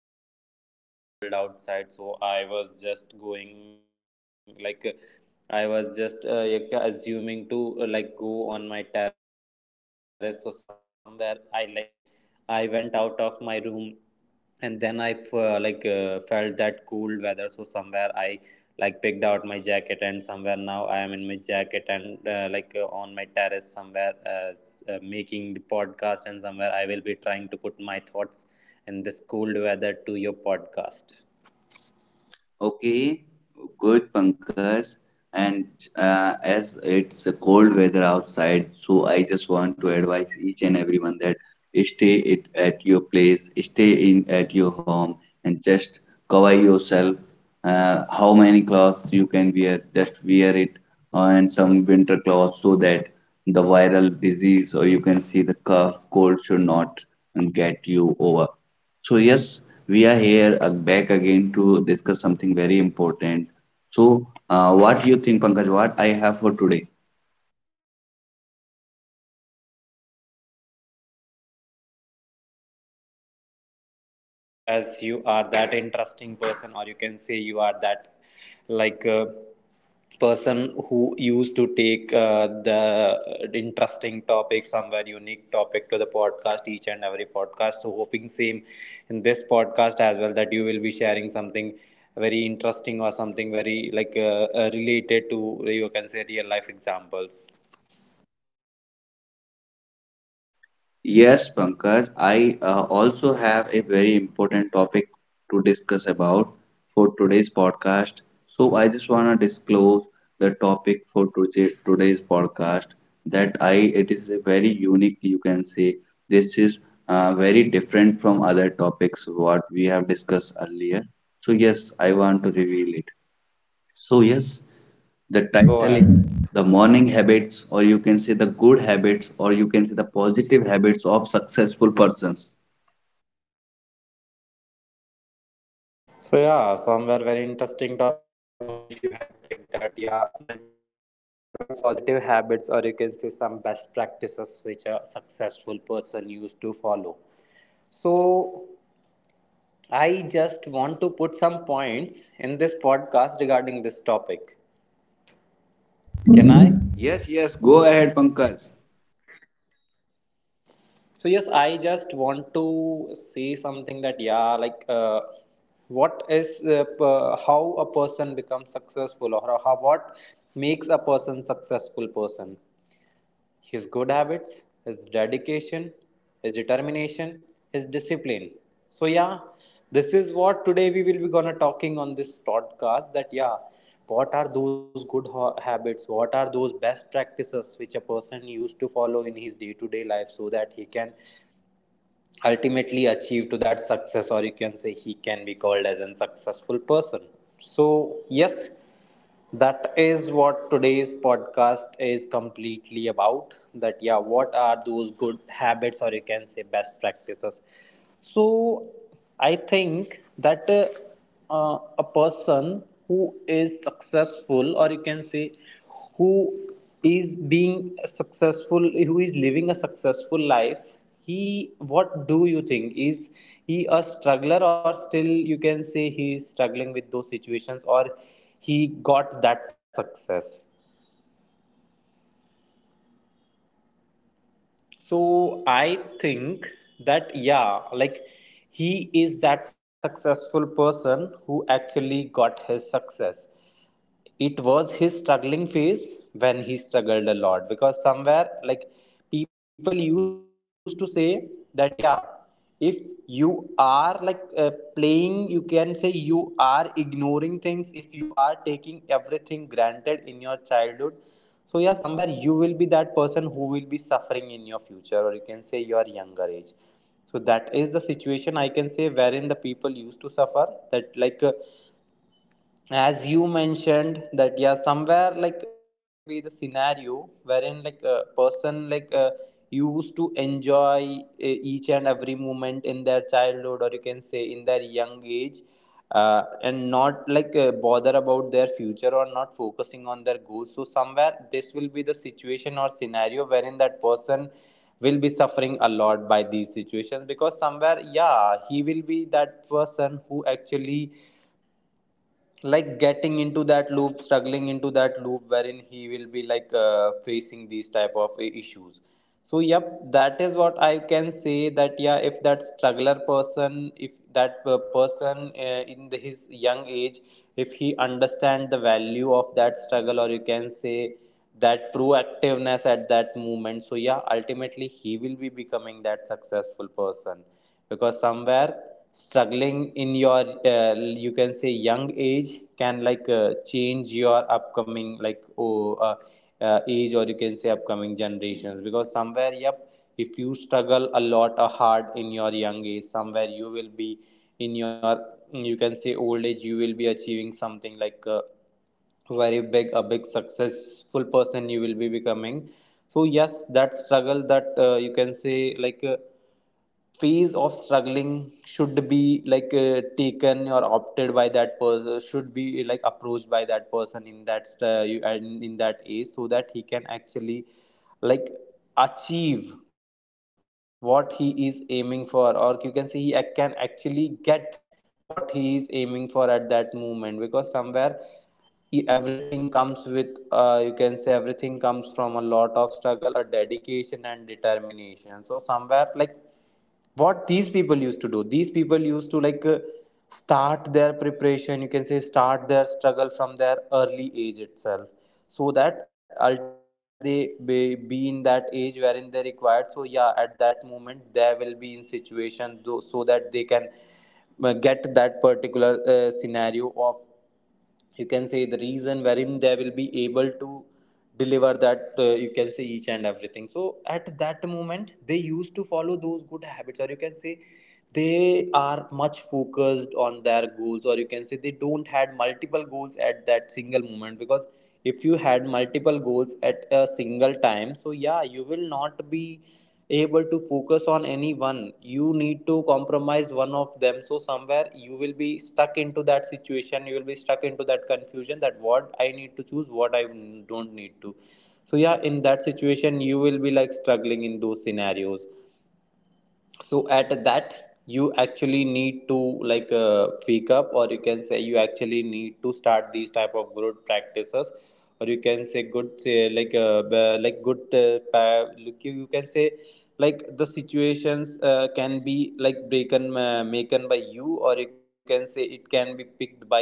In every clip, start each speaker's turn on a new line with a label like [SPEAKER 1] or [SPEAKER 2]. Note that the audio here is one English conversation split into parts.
[SPEAKER 1] weather. Somewhere it is very cold outside, so I was just going like I was just assuming to like go on my terrace. So somewhere I like I went out of my room, and then I felt that cool weather. So somewhere I like picked out my jacket, and somewhere now I am in my jacket and, on my terrace, somewhere making the podcast, and somewhere I will be trying to put my thoughts in this cold weather to your podcast.
[SPEAKER 2] Okay, good, Pankaj. And as it's a cold weather outside, so I just want to advise each and everyone that stay it at your place, stay in at your home, and just cover yourself. How many clothes you can wear, just wear it, and some winter clothes so that the viral disease or you can see the cough, cold should not get you over. So yes, we are here back again to discuss something very important. So what you think, Pankaj? What I have for today?
[SPEAKER 1] So I think, Bhunesh, as you are that interesting person, or you can say you are that like uh, person who used to take the interesting topic, somewhere unique topic, to the podcast, each and every podcast. So hoping same in this podcast as well, that you will be sharing something very interesting or something very like related to, you can say, real life examples.
[SPEAKER 2] Yes, Pankaj, I also have a very important topic to discuss about for today's podcast. So I just want to disclose the topic for today, today's podcast that I it is a very unique you can say this is very different from other topics what we have discussed earlier. So yes, I want to reveal it. So, yes, the title is
[SPEAKER 1] Yeah, go
[SPEAKER 2] The
[SPEAKER 1] ahead.
[SPEAKER 2] Morning Habits, or you can say the good habits, or you can say the positive habits of successful persons.
[SPEAKER 1] So yeah, somewhere very interesting topic, Bhunesh, you had picked that. Yeah, like good habits, positive habits, or you can say some best practices which a successful person used to follow. So I just want to put some points in this podcast regarding this topic. Can I?
[SPEAKER 2] Yes, yes, go ahead, Pankaj.
[SPEAKER 1] So yes, I just want to say something, that yeah, what is how a person becomes successful, or how, what makes a person successful person. His good habits, his dedication, his determination, his discipline. So yeah, this is what today we will be gonna talking on this podcast, that yeah, what are those good habits? What are those best practices which a person used to follow in his day-to-day life so that he can ultimately achieve to that success, or you can say he can be called as a successful person. So yes, that is what today's podcast is completely about, that yeah, what are those good habits, or you can say best practices. So I think that, a person who is successful, or you can say who is being successful, who is living a successful life, he, what do you think, is he a struggler or still, you can say, he is struggling with those situations, or he got that success? So I think that, yeah, like he is that successful person who actually got his success. It was his struggling phase when he struggled a lot, because somewhere like people used to say that, yeah, if you are playing, you can say you are ignoring things, if you are taking everything granted in your childhood, so yeah, somewhere you will be that person who will be suffering in your future, or you can say your younger age. So that is the situation I can say, wherein the people used to suffer, that as you mentioned that, yeah, somewhere that can be the scenario wherein like a person used to enjoy each and every moment in their childhood, or you can say in their young age, and not bother about their future, or not focusing on their goals. So somewhere this will be the situation or scenario wherein that person will be suffering a lot by these situations, because somewhere, yeah, he will be that person who actually like getting into that loop, struggling into that loop, wherein he will be like facing these type of issues. So yep, that is what I can say, that yeah, if that struggler person, if that person in the, his young age, if he understand the value of that struggle, or you can say that proactiveness at that moment, so yeah, ultimately he will be becoming that successful person, because somewhere struggling in your you can say young age can like change your upcoming age, or you can say upcoming generations, because somewhere yep, if you struggle a lot or hard in your young age, somewhere you will be in your, you can say, old age, you will be achieving something very big, a big successful person you will be becoming. So yes, that struggle, that, you can say, phase of struggling should be taken or opted by that person, should be like approached by that person in that and in that age, so that he can actually like achieve what he is aiming for, or you can say he can actually get what he is aiming for at that moment, because somewhere everything comes with, you can say, everything comes from a lot of struggle, a dedication and determination. So somewhere like what these people used to do, these people used to like start their preparation, you can say start their struggle from their early age itself, so that ultimately when they be in that age wherein they required, so yeah, at that moment they will be in situation so that they can get that particular scenario of, you can say, the reason wherein they will be able to deliver that, you can say, each and everything. So at that moment they used to follow those good habits, or you can say they are much focused on their goals, or you can say they don't had multiple goals at that single moment, because if you had multiple goals at a single time, so yeah, you will not be able to focus on any one, you need to compromise one of them. So somewhere you will be stuck into that situation, you will be stuck into that confusion, that what I need to choose, what I don't need to. So yeah, in that situation you will be like struggling in those scenarios. So at that, you actually need to like wake up, or you can say you actually need to start these type of good practices, or you can say good say like good look you, you can say, like the situations can be like broken maken by you, or you can say it can be picked by you.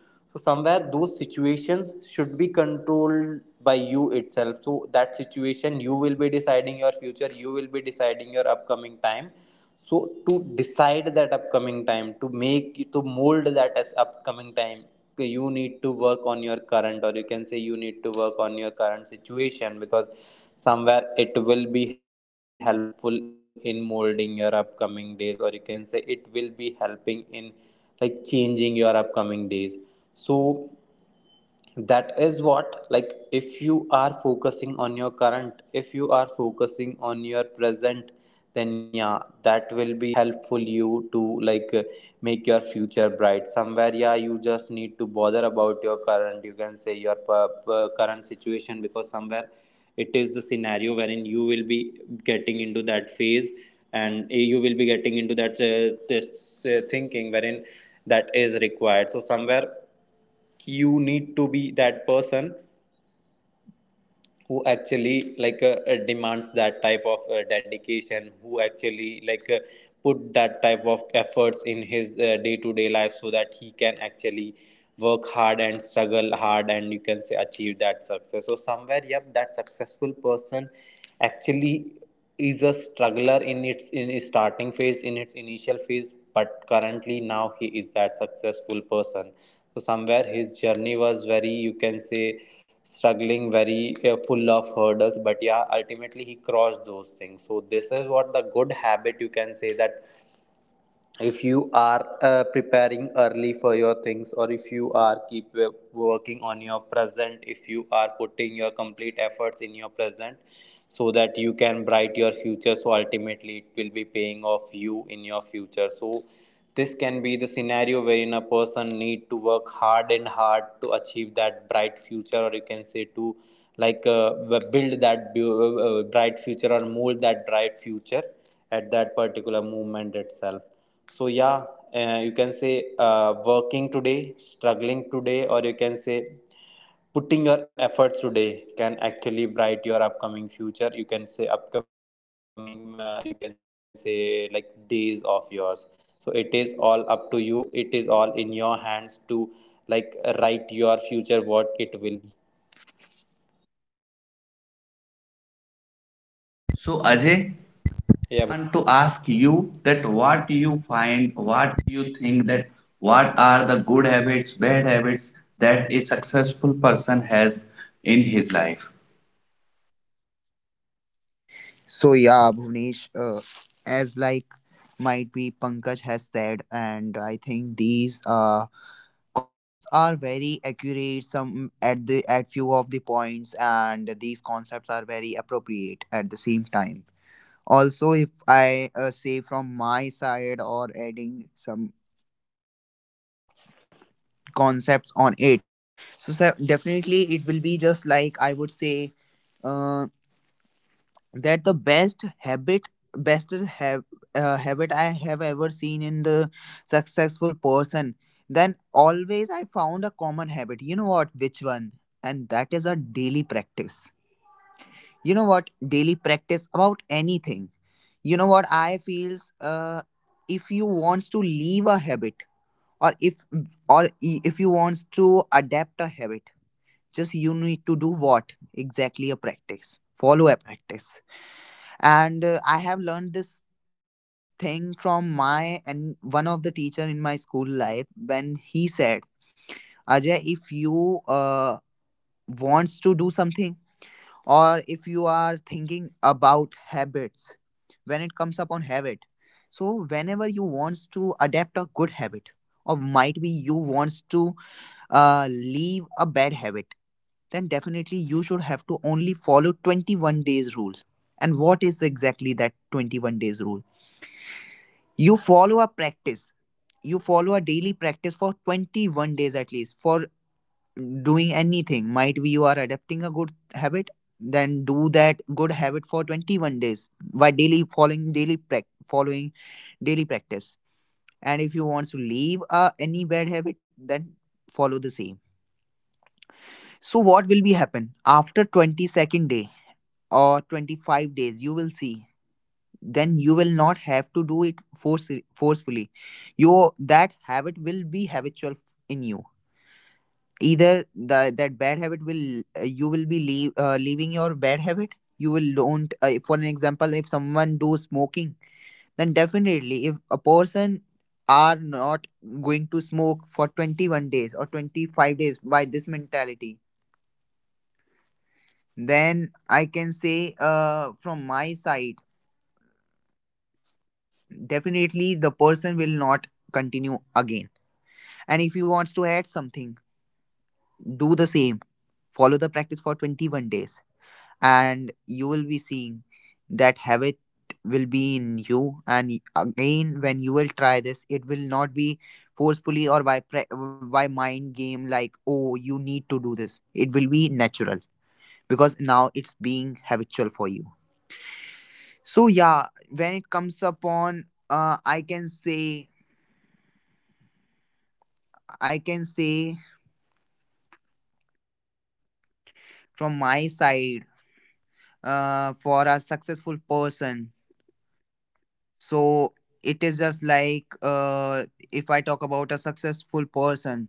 [SPEAKER 1] So somewhere those situations should be controlled by you itself, so that situation, you will be deciding your future, you will be deciding your upcoming time. So to decide that upcoming time, to make, to mold that as upcoming time, you need to work on your current, or you can say you need to work on your current situation, because somewhere it will be helpful in molding your upcoming days, or you can say it will be helping in like changing your upcoming days. So that is what, like, if you are focusing on your current, if you are focusing on your present, then yeah, that will be helpful you to like make your future bright. Somewhere, yeah, you just need to bother about your current, you can say your current situation, because somewhere it is the scenario wherein you will be getting into that phase, and you will be getting into that this thinking wherein that is required. So somewhere you need to be that person who actually like demands that type of dedication, who actually like put that type of efforts in his day-to-day life, so that he can actually work hard and struggle hard, and, you can say, achieve that success. So somewhere yep, that successful person actually is a struggler in its, in its starting phase, in its initial phase, but currently now he is that successful person. So somewhere his journey was very, you can say, struggling, very full of hurdles, but yeah, ultimately he crossed those things. So this is what the good habit, you can say, that if you are preparing early for your things, or if you are keep working on your present, if you are putting your complete efforts in your present, so that you can bright your future, so ultimately it will be paying off you in your future. So this can be the scenario wherein a person need to work hard and hard to achieve that bright future, or you can say to like build that bright future, or mold that bright future at that particular moment itself. So yeah, you can say, working today, struggling today, or you can say putting your efforts today can actually bright your upcoming future, you can say upcoming, you can say, like days of yours. So it is all up to you, it is all in your hands to like write your future, what it will be.
[SPEAKER 2] So, Ajay, I want to
[SPEAKER 1] Yeah,
[SPEAKER 2] ask
[SPEAKER 1] Bhunesh.
[SPEAKER 2] you that what you find, what you think that what are the good habits, bad habits that a successful person has in his life?
[SPEAKER 3] So yeah, Bhuvnesh, as like might be Pankaj has said, and I think these concepts are very accurate. Some at the at few of the points, and these concepts are very appropriate at the same time. Also, if I say from my side or adding some concepts on it, so, so definitely it will be just like I would say, uh, that the best habit, best is have habit I have ever seen in the successful person, then always I found a common habit, you know what, which one? And that is a daily practice. You know what? Daily practice about anything. You know what? I feels, if you wants to leave a habit, or if, if you wants to adapt a habit, just you need to do what? Exactly a practice. Follow a practice. And I have learned this thing from my, and one of the teacher in my school life, when he said, Ajay, if you uh, wants to do something, or if you are thinking about habits, when it comes upon habit, so whenever you wants to adapt a good habit, or might be you wants to leave a bad habit, then definitely you should have to only follow 21 days rule. And what is exactly that 21 days rule? You follow a practice. You follow a daily practice for 21 days at least for doing anything. Might be you are adapting a good habit, then do that good habit for 21 days by daily following daily prac following daily practice. And if you want to leave any bad habit, then follow the same. So what will be happen after 22nd day or 25 days you will see, then you will not have to do it forcefully. You That habit will be habitual in you, either that bad habit will, you will be leaving your bad habit. You will don't, for an example, if someone do smoking, then definitely if a person are not going to smoke for 21 days or 25 days by this mentality, then I can say, from my side, definitely the person will not continue again. And if he wants to add something, do the same. Follow the practice for 21 days, and you will be seeing that habit will be in you. And again, when you will try this, it will not be forcefully or by mind game like, oh, you need to do this. It will be natural because now it's being habitual for you. So yeah, when it comes upon, I can say, I can say from my side, for a successful person. So it is just like, if I talk about a successful person,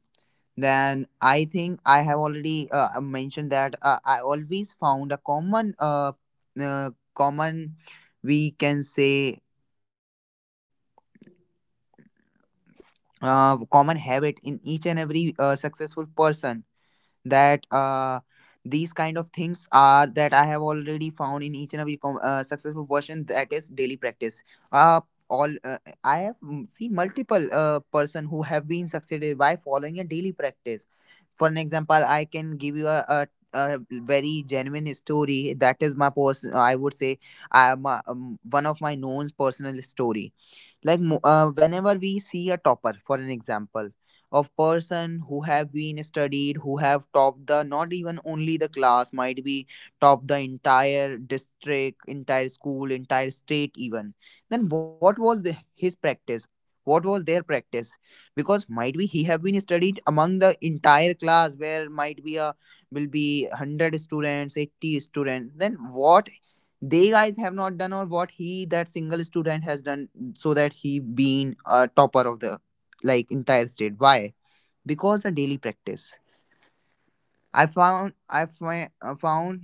[SPEAKER 3] then I think I have already mentioned that, I always found a common uh common, we can say, common habit in each and every successful person, that these kind of things are that I have already found in each and every successful person, that is daily practice. Uh, all I have, seen multiple person who have been succeeded by following a daily practice. For an example, I can give you a very genuine story, that is my person, I would say. One of my known personal story, like, whenever we see a topper, for an example, of person who have been studied, who have topped, the not even only the class, might be topped the entire district, entire school, entire state even, then what was his practice, what was their practice? Because might be he have been studied among the entire class, where might be a will be 100 students, 80 students, then what they guys have not done, or what he, that single student has done, so that he been a topper of the, like, entire state. Why? Because a daily practice. I found,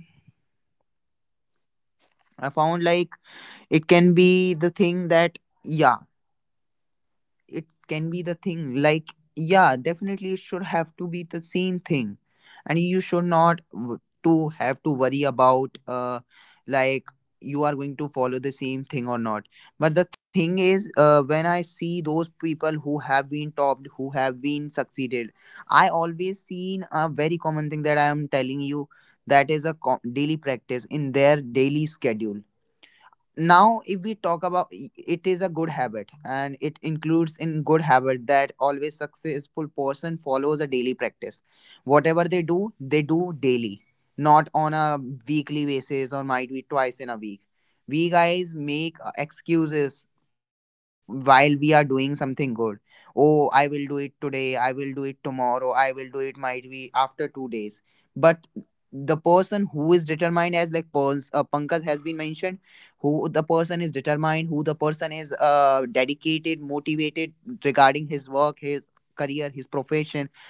[SPEAKER 3] I found like, it can be the thing that, yeah, it can be the thing like, yeah, definitely it should have to be the same thing, and you should not to have to worry about, uh, like, you are going to follow the same thing or not. But the thing is, when I see those people who have been topped, who have been succeeded, I always seen a very common thing that I am telling you. That is a daily practice in their daily schedule. Now if we talk about, it is a good habit, and it includes in good habit that always successful person follows a daily practice. Whatever they do, they do daily, not on a weekly basis or might be twice in a week. We guys make excuses while we are doing something good. Oh, I will do it today, I will do it tomorrow, I will do it might be after 2 days. But the person who is determined, as like Pankaj has been mentioned, who, the person is determined, who, the person is dedicated, motivated regarding his work, his career, his profession,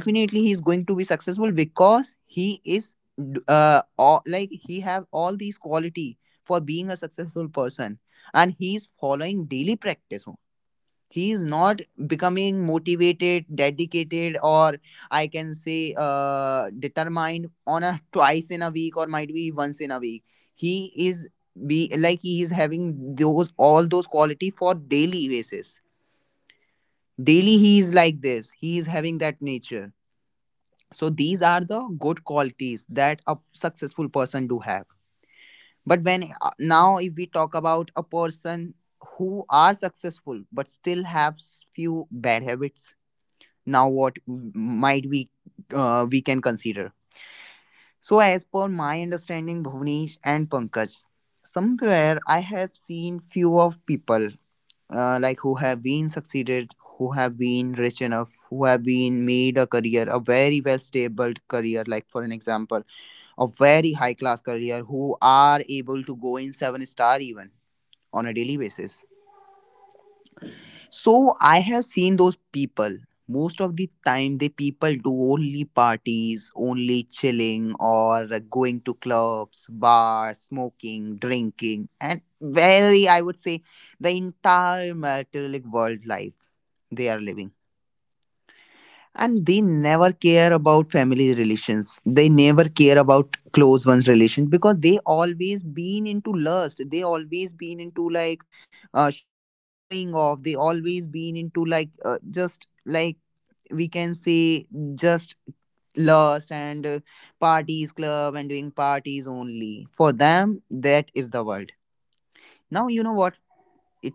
[SPEAKER 3] definitely he is going to be successful, because he is, like he have all these quality for being a successful person, and he is following daily practice. He is not becoming motivated, dedicated, or I can say, determined on a twice in a week or might be once in a week. He is be Like, he is having those, all those quality for daily basis. Daily he is like this, he is having that nature. So these are the good qualities that a successful person do have. But when, now if we talk about a person who are successful but still have few bad habits, now what might we, we can consider? So as per my understanding, Bhuvnesh and Pankaj, somewhere I have seen few of people, like who have been succeeded, who have been rich enough, who have been made a career, a very well stable career, like, for an example, a very high class career, who are able to go in seven-star even on a daily basis. So I have seen those people. Most of the time, the people do only parties, only chilling, or going to clubs, bars, smoking, drinking, and very, I would say, the entire materialistic world life they are living, and they never care about family relations, they never care about close ones relations, because they always been into lust, they always been into like, showing off, they always been into like, just like, we can say, just lust and, parties, club, and doing parties only, for them that is the world. Now you know what,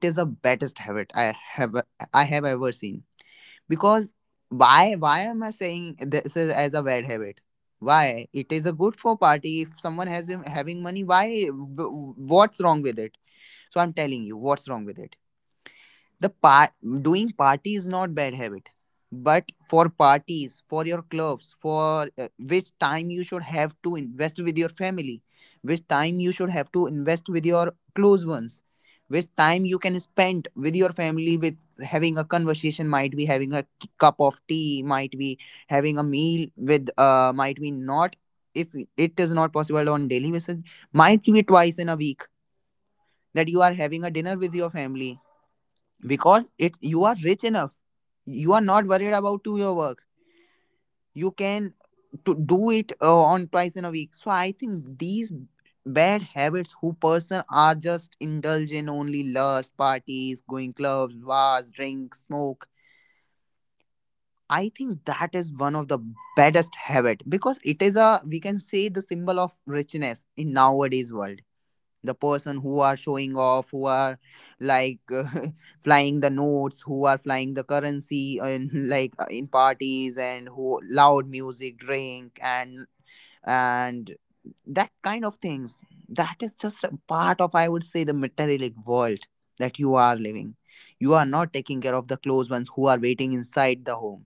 [SPEAKER 3] it is the baddest habit I have, I have ever seen. Because why am I saying this is as a bad habit, why it is a good for party, if someone has him having money, why, what's wrong with it? So I'm telling you what's wrong with it. the par- Doing party is not bad habit. But for parties, for your clubs, for, which time you should have to invest with your family, which time you should have to invest with your close ones, which time you can spend with your family, with having a conversation, might be having a cup of tea, might be having a meal with, uh, might be not. If it is not possible on daily basis, might be twice in a week that you are having a dinner with your family, because it, you are rich enough, you are not worried about to your work, you can to do it, on twice in a week. So I think these bad habits, who person are just indulge in only lust, parties, going clubs, bars, drink, smoke, I think that is one of the baddest habit, because it is a, we can say, the symbol of richness in nowadays world. The person who are showing off, who are like flying the notes, who are flying the currency, and like, in parties, and who loud music, drink, and that kind of things, that is just a part of, I would say, the materialistic world that you are living. You are not taking care of the close ones who are waiting inside the home,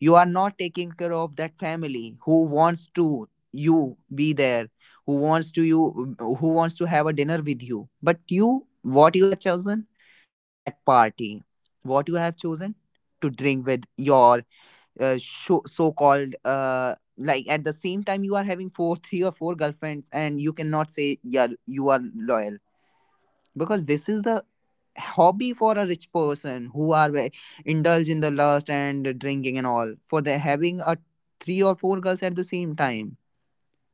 [SPEAKER 3] you are not taking care of that family who wants to you be there, who wants to have a dinner with you, but you, what you have chosen, that party. What you have chosen, to drink with your, so called, like, at the same time you are having 4 3 or four girlfriends, and you cannot say yeah you are loyal, because this is the hobby for a rich person who are indulge in the lust and drinking and all, for they having a three or four girls at the same time,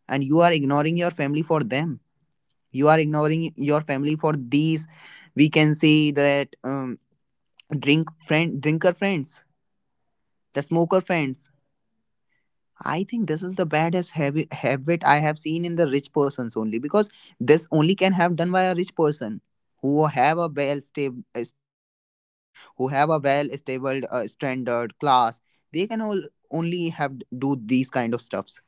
[SPEAKER 3] and you are ignoring your family for them, you are ignoring your family for these, we can say that, drink friend, drinker friends, the smoker friends. I think this is the habit I have seen in the rich persons only, because this only can have done by a rich person who have a well stable, stable background, who have a well stable, standard class. They can all only have do these kind of stuff.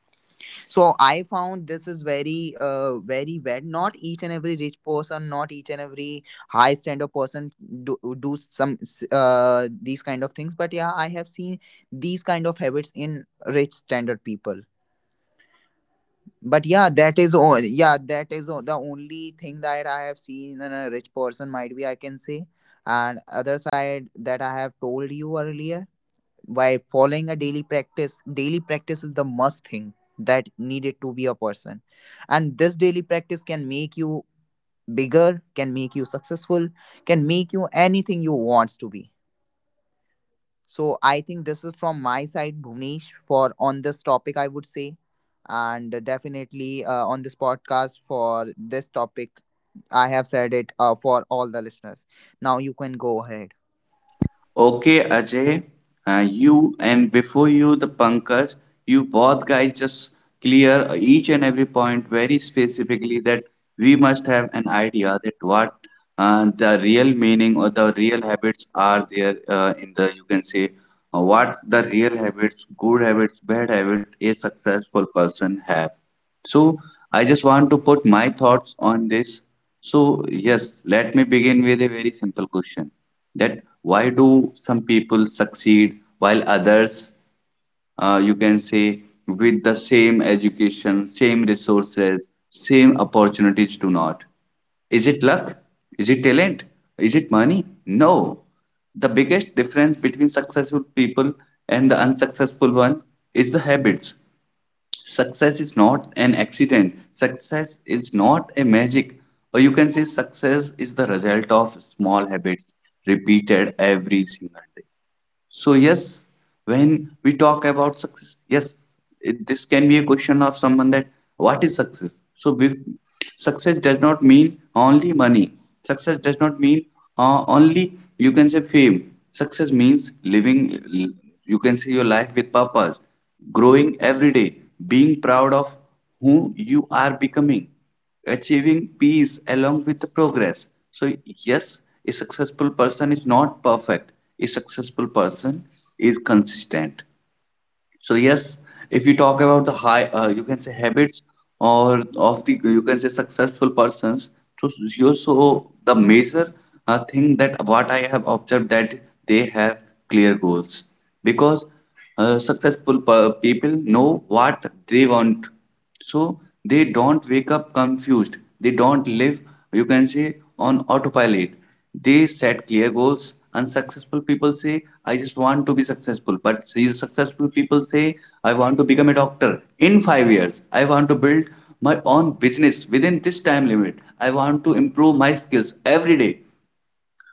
[SPEAKER 3] So I found this is very, uh, very well, not each and every rich person, not each and every high standard person do, do some, these kind of things, but yeah, I have seen these kind of habits in rich standard people. But yeah, that is all. Yeah, that is the only thing that I have seen in a rich person, might be, I can say. And other side, that I have told you earlier, by following a daily practice is the must thing that needed to be a person. And this daily practice can make you bigger, can make you successful, can make you anything you want to be. So I think this is from my side, Bhuvnesh, for on this topic, I would say. And definitely on this podcast for this topic, I have said it for all the listeners. Now you can go ahead.
[SPEAKER 2] Okay, Ajay, you and before you, the Pankaj, you both guys just clear each and every point very specifically that we must have an idea that what the real meaning or the real habits are there in the you can say what the real habits, good habits, bad habit, a successful person have. So I just want to put my thoughts on this. So yes, let me begin with a very simple question that why do some people succeed while others you can say with the same education, same resources, same opportunities do not? Is it luck? Is it talent? Is it money? No, the biggest difference between successful people and the unsuccessful one is the habits. Success is not an accident, success is not a magic, or you can say success is the result of small habits repeated every single day. So yes, when we talk about success, yes, this can be a question of someone that what is success? So success does not mean only money. Success does not mean only you can say fame. Success means You can say your life with purpose, growing every day, being proud of who you are becoming, achieving peace along with the progress. So, yes, a successful person is not perfect, a successful person is consistent. So, yes, if you talk about the high, you can say habits or of the you can say successful persons. So, you so the major thing that what I have observed that they have clear goals because successful people know what they want, so they don't wake up confused. They don't live, you can say, on autopilot. They set clear goals. Unsuccessful people say, I just want to be successful. But see, successful people say, I want to become a doctor in 5 years. I want to build my own business within this time limit. I want to improve my skills every day.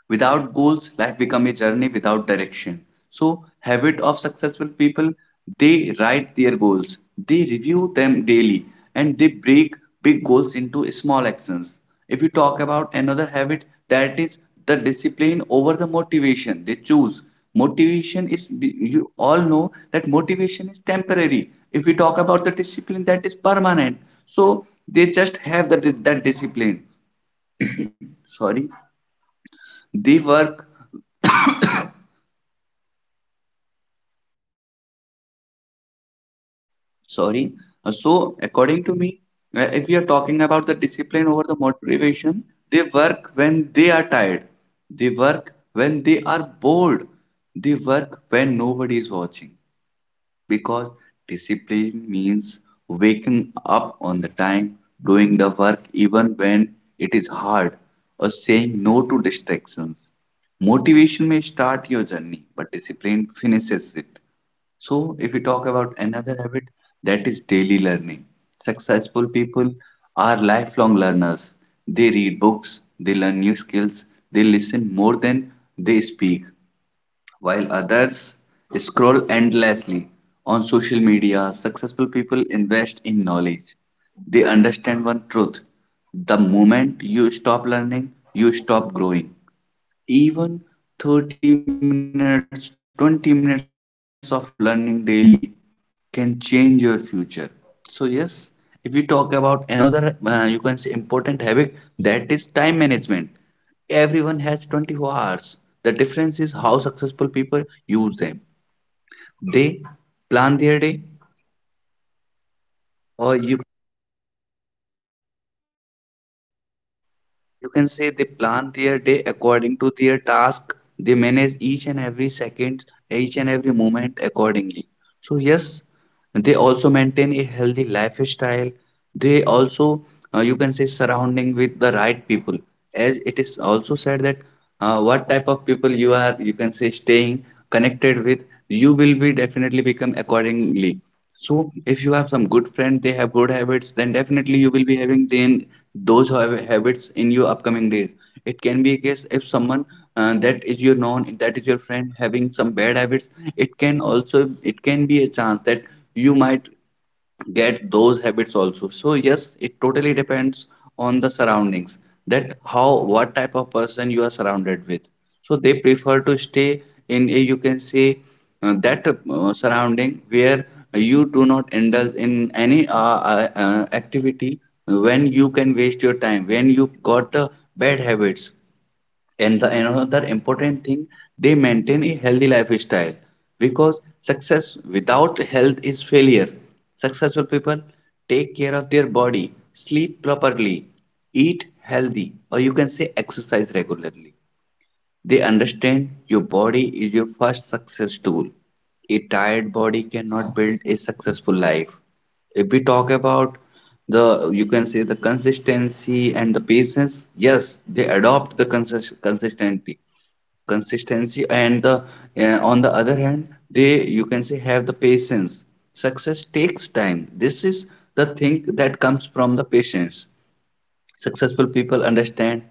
[SPEAKER 2] Without goals, life becomes a journey without direction. So, habit of successful people, they write their goals, they review them daily, and they break big goals into small actions. If you talk about another habit, that is the discipline over the motivation. They choose motivation is you all know that motivation is temporary. If we talk about the discipline, that is permanent. So they just have that discipline, sorry, they work. Sorry. So, according to me, if we are talking about the discipline over the motivation, they work when they are tired. They work when they are bored. They work when nobody is watching. Because discipline means waking up on the time, doing the work even when it is hard, or saying no to distractions. Motivation may start your journey, but discipline finishes it. So, if we talk about another habit, that is daily learning. Successful people are lifelong learners. They read books, they learn new skills, they listen more than they speak, while others scroll endlessly. On social media, successful people invest in knowledge. They understand one truth: the moment you stop learning, you stop growing. Even 30 minutes, 20 minutes of learning daily can change your future. So, yes, if we talk about another, you can say important habit that is time management. Everyone has 24 hours. The difference is how successful people use them. They plan their day, or you can say they plan their day according to their task. They manage each and every second, each and every moment accordingly. So, yes, they also maintain a healthy lifestyle. They also, you can say, surrounding with the right people. As it is also said that what type of people you are, you can say, staying connected with, you will be definitely become accordingly. So if you have some good friend, they have good habits, then definitely you will be having then those habits in your upcoming days. It can be a case if someone that is your known, that is your friend having some bad habits, it can also it can be a chance that you might get those habits also. So yes, it totally depends on the surroundings, that how what type of person you are surrounded with. So they prefer to stay in a you can say that surrounding where you do not indulge in any activity when you can waste your time, when you got the bad habits. And the another important thing, they maintain a healthy lifestyle because success without health is failure. Successful people take care of their body, sleep properly, eat healthy, or you can say exercise regularly. They understand your body is your first success tool. A tired body cannot build a successful life. If we talk about the, you can say the consistency and the patience, yes, they adopt the consistency, and the on the other hand, they you can say have the patience. Success takes time. This is the thing that comes from the patience. Successful people understand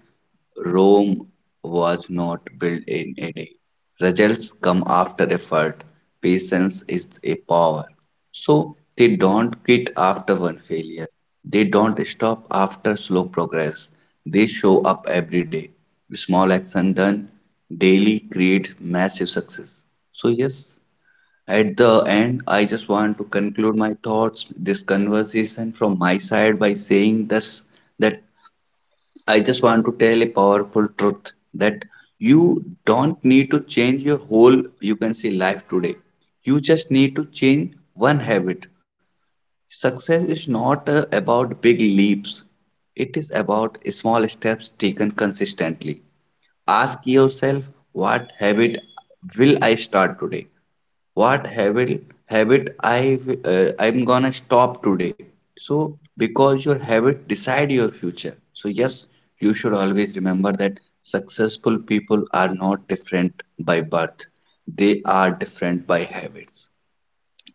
[SPEAKER 2] Rome was not built in a day. Results come after effort. Patience is a power. So they don't quit after one failure. They don't stop after slow progress. They show up every day. Small action done daily creates massive success. So, yes, at the end, I just want to conclude my thoughts, this conversation from my side by saying this that I just want to tell a powerful truth that you don't need to change your whole, you can say, life today. You just need to change one habit. Success is not about big leaps, it is about small steps taken consistently. Ask yourself, what habit will I start today? What habit I'm gonna stop today. So because your habit decide your future. So yes, you should always remember that successful people are not different by birth. They are different by habits.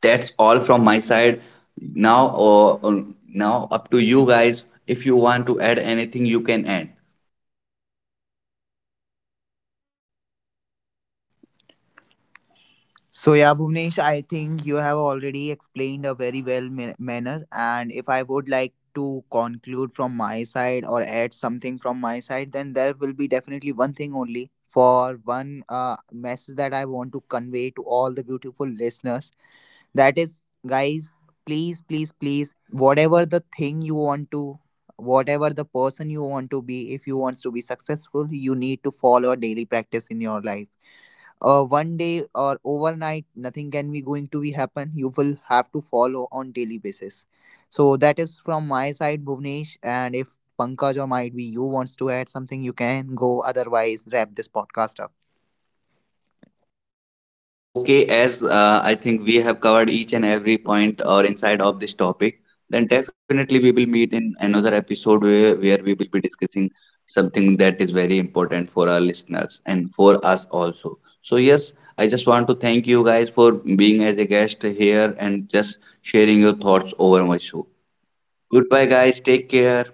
[SPEAKER 2] That's all from my side. Now, now up to you guys. If you want to add anything, you can add.
[SPEAKER 4] So yeah, Bhuvnesh, I think you have already explained a very well manner, and if I would like to conclude from my side or add something from my side, then there will be definitely one thing only, for one message that I want to convey to all the beautiful listeners. That is, guys, please, please, please, whatever the thing you want to, whatever the person you want to be, if you want to be successful, you need to follow a daily practice in your life. One day or overnight, nothing can be going to be happen. You will have to follow on daily basis. So that is from my side, Bhuvnesh, and if Pankaj or might be you wants to add something, you can go, otherwise wrap this podcast up.
[SPEAKER 2] Okay, as I think we have covered each and every point or inside of this topic, then definitely we will meet in another episode where we will be discussing something that is very important for our listeners and for us also. So, yes, I just want to thank you guys for being as a guest here and just sharing your thoughts over my show. Goodbye, guys. Take care.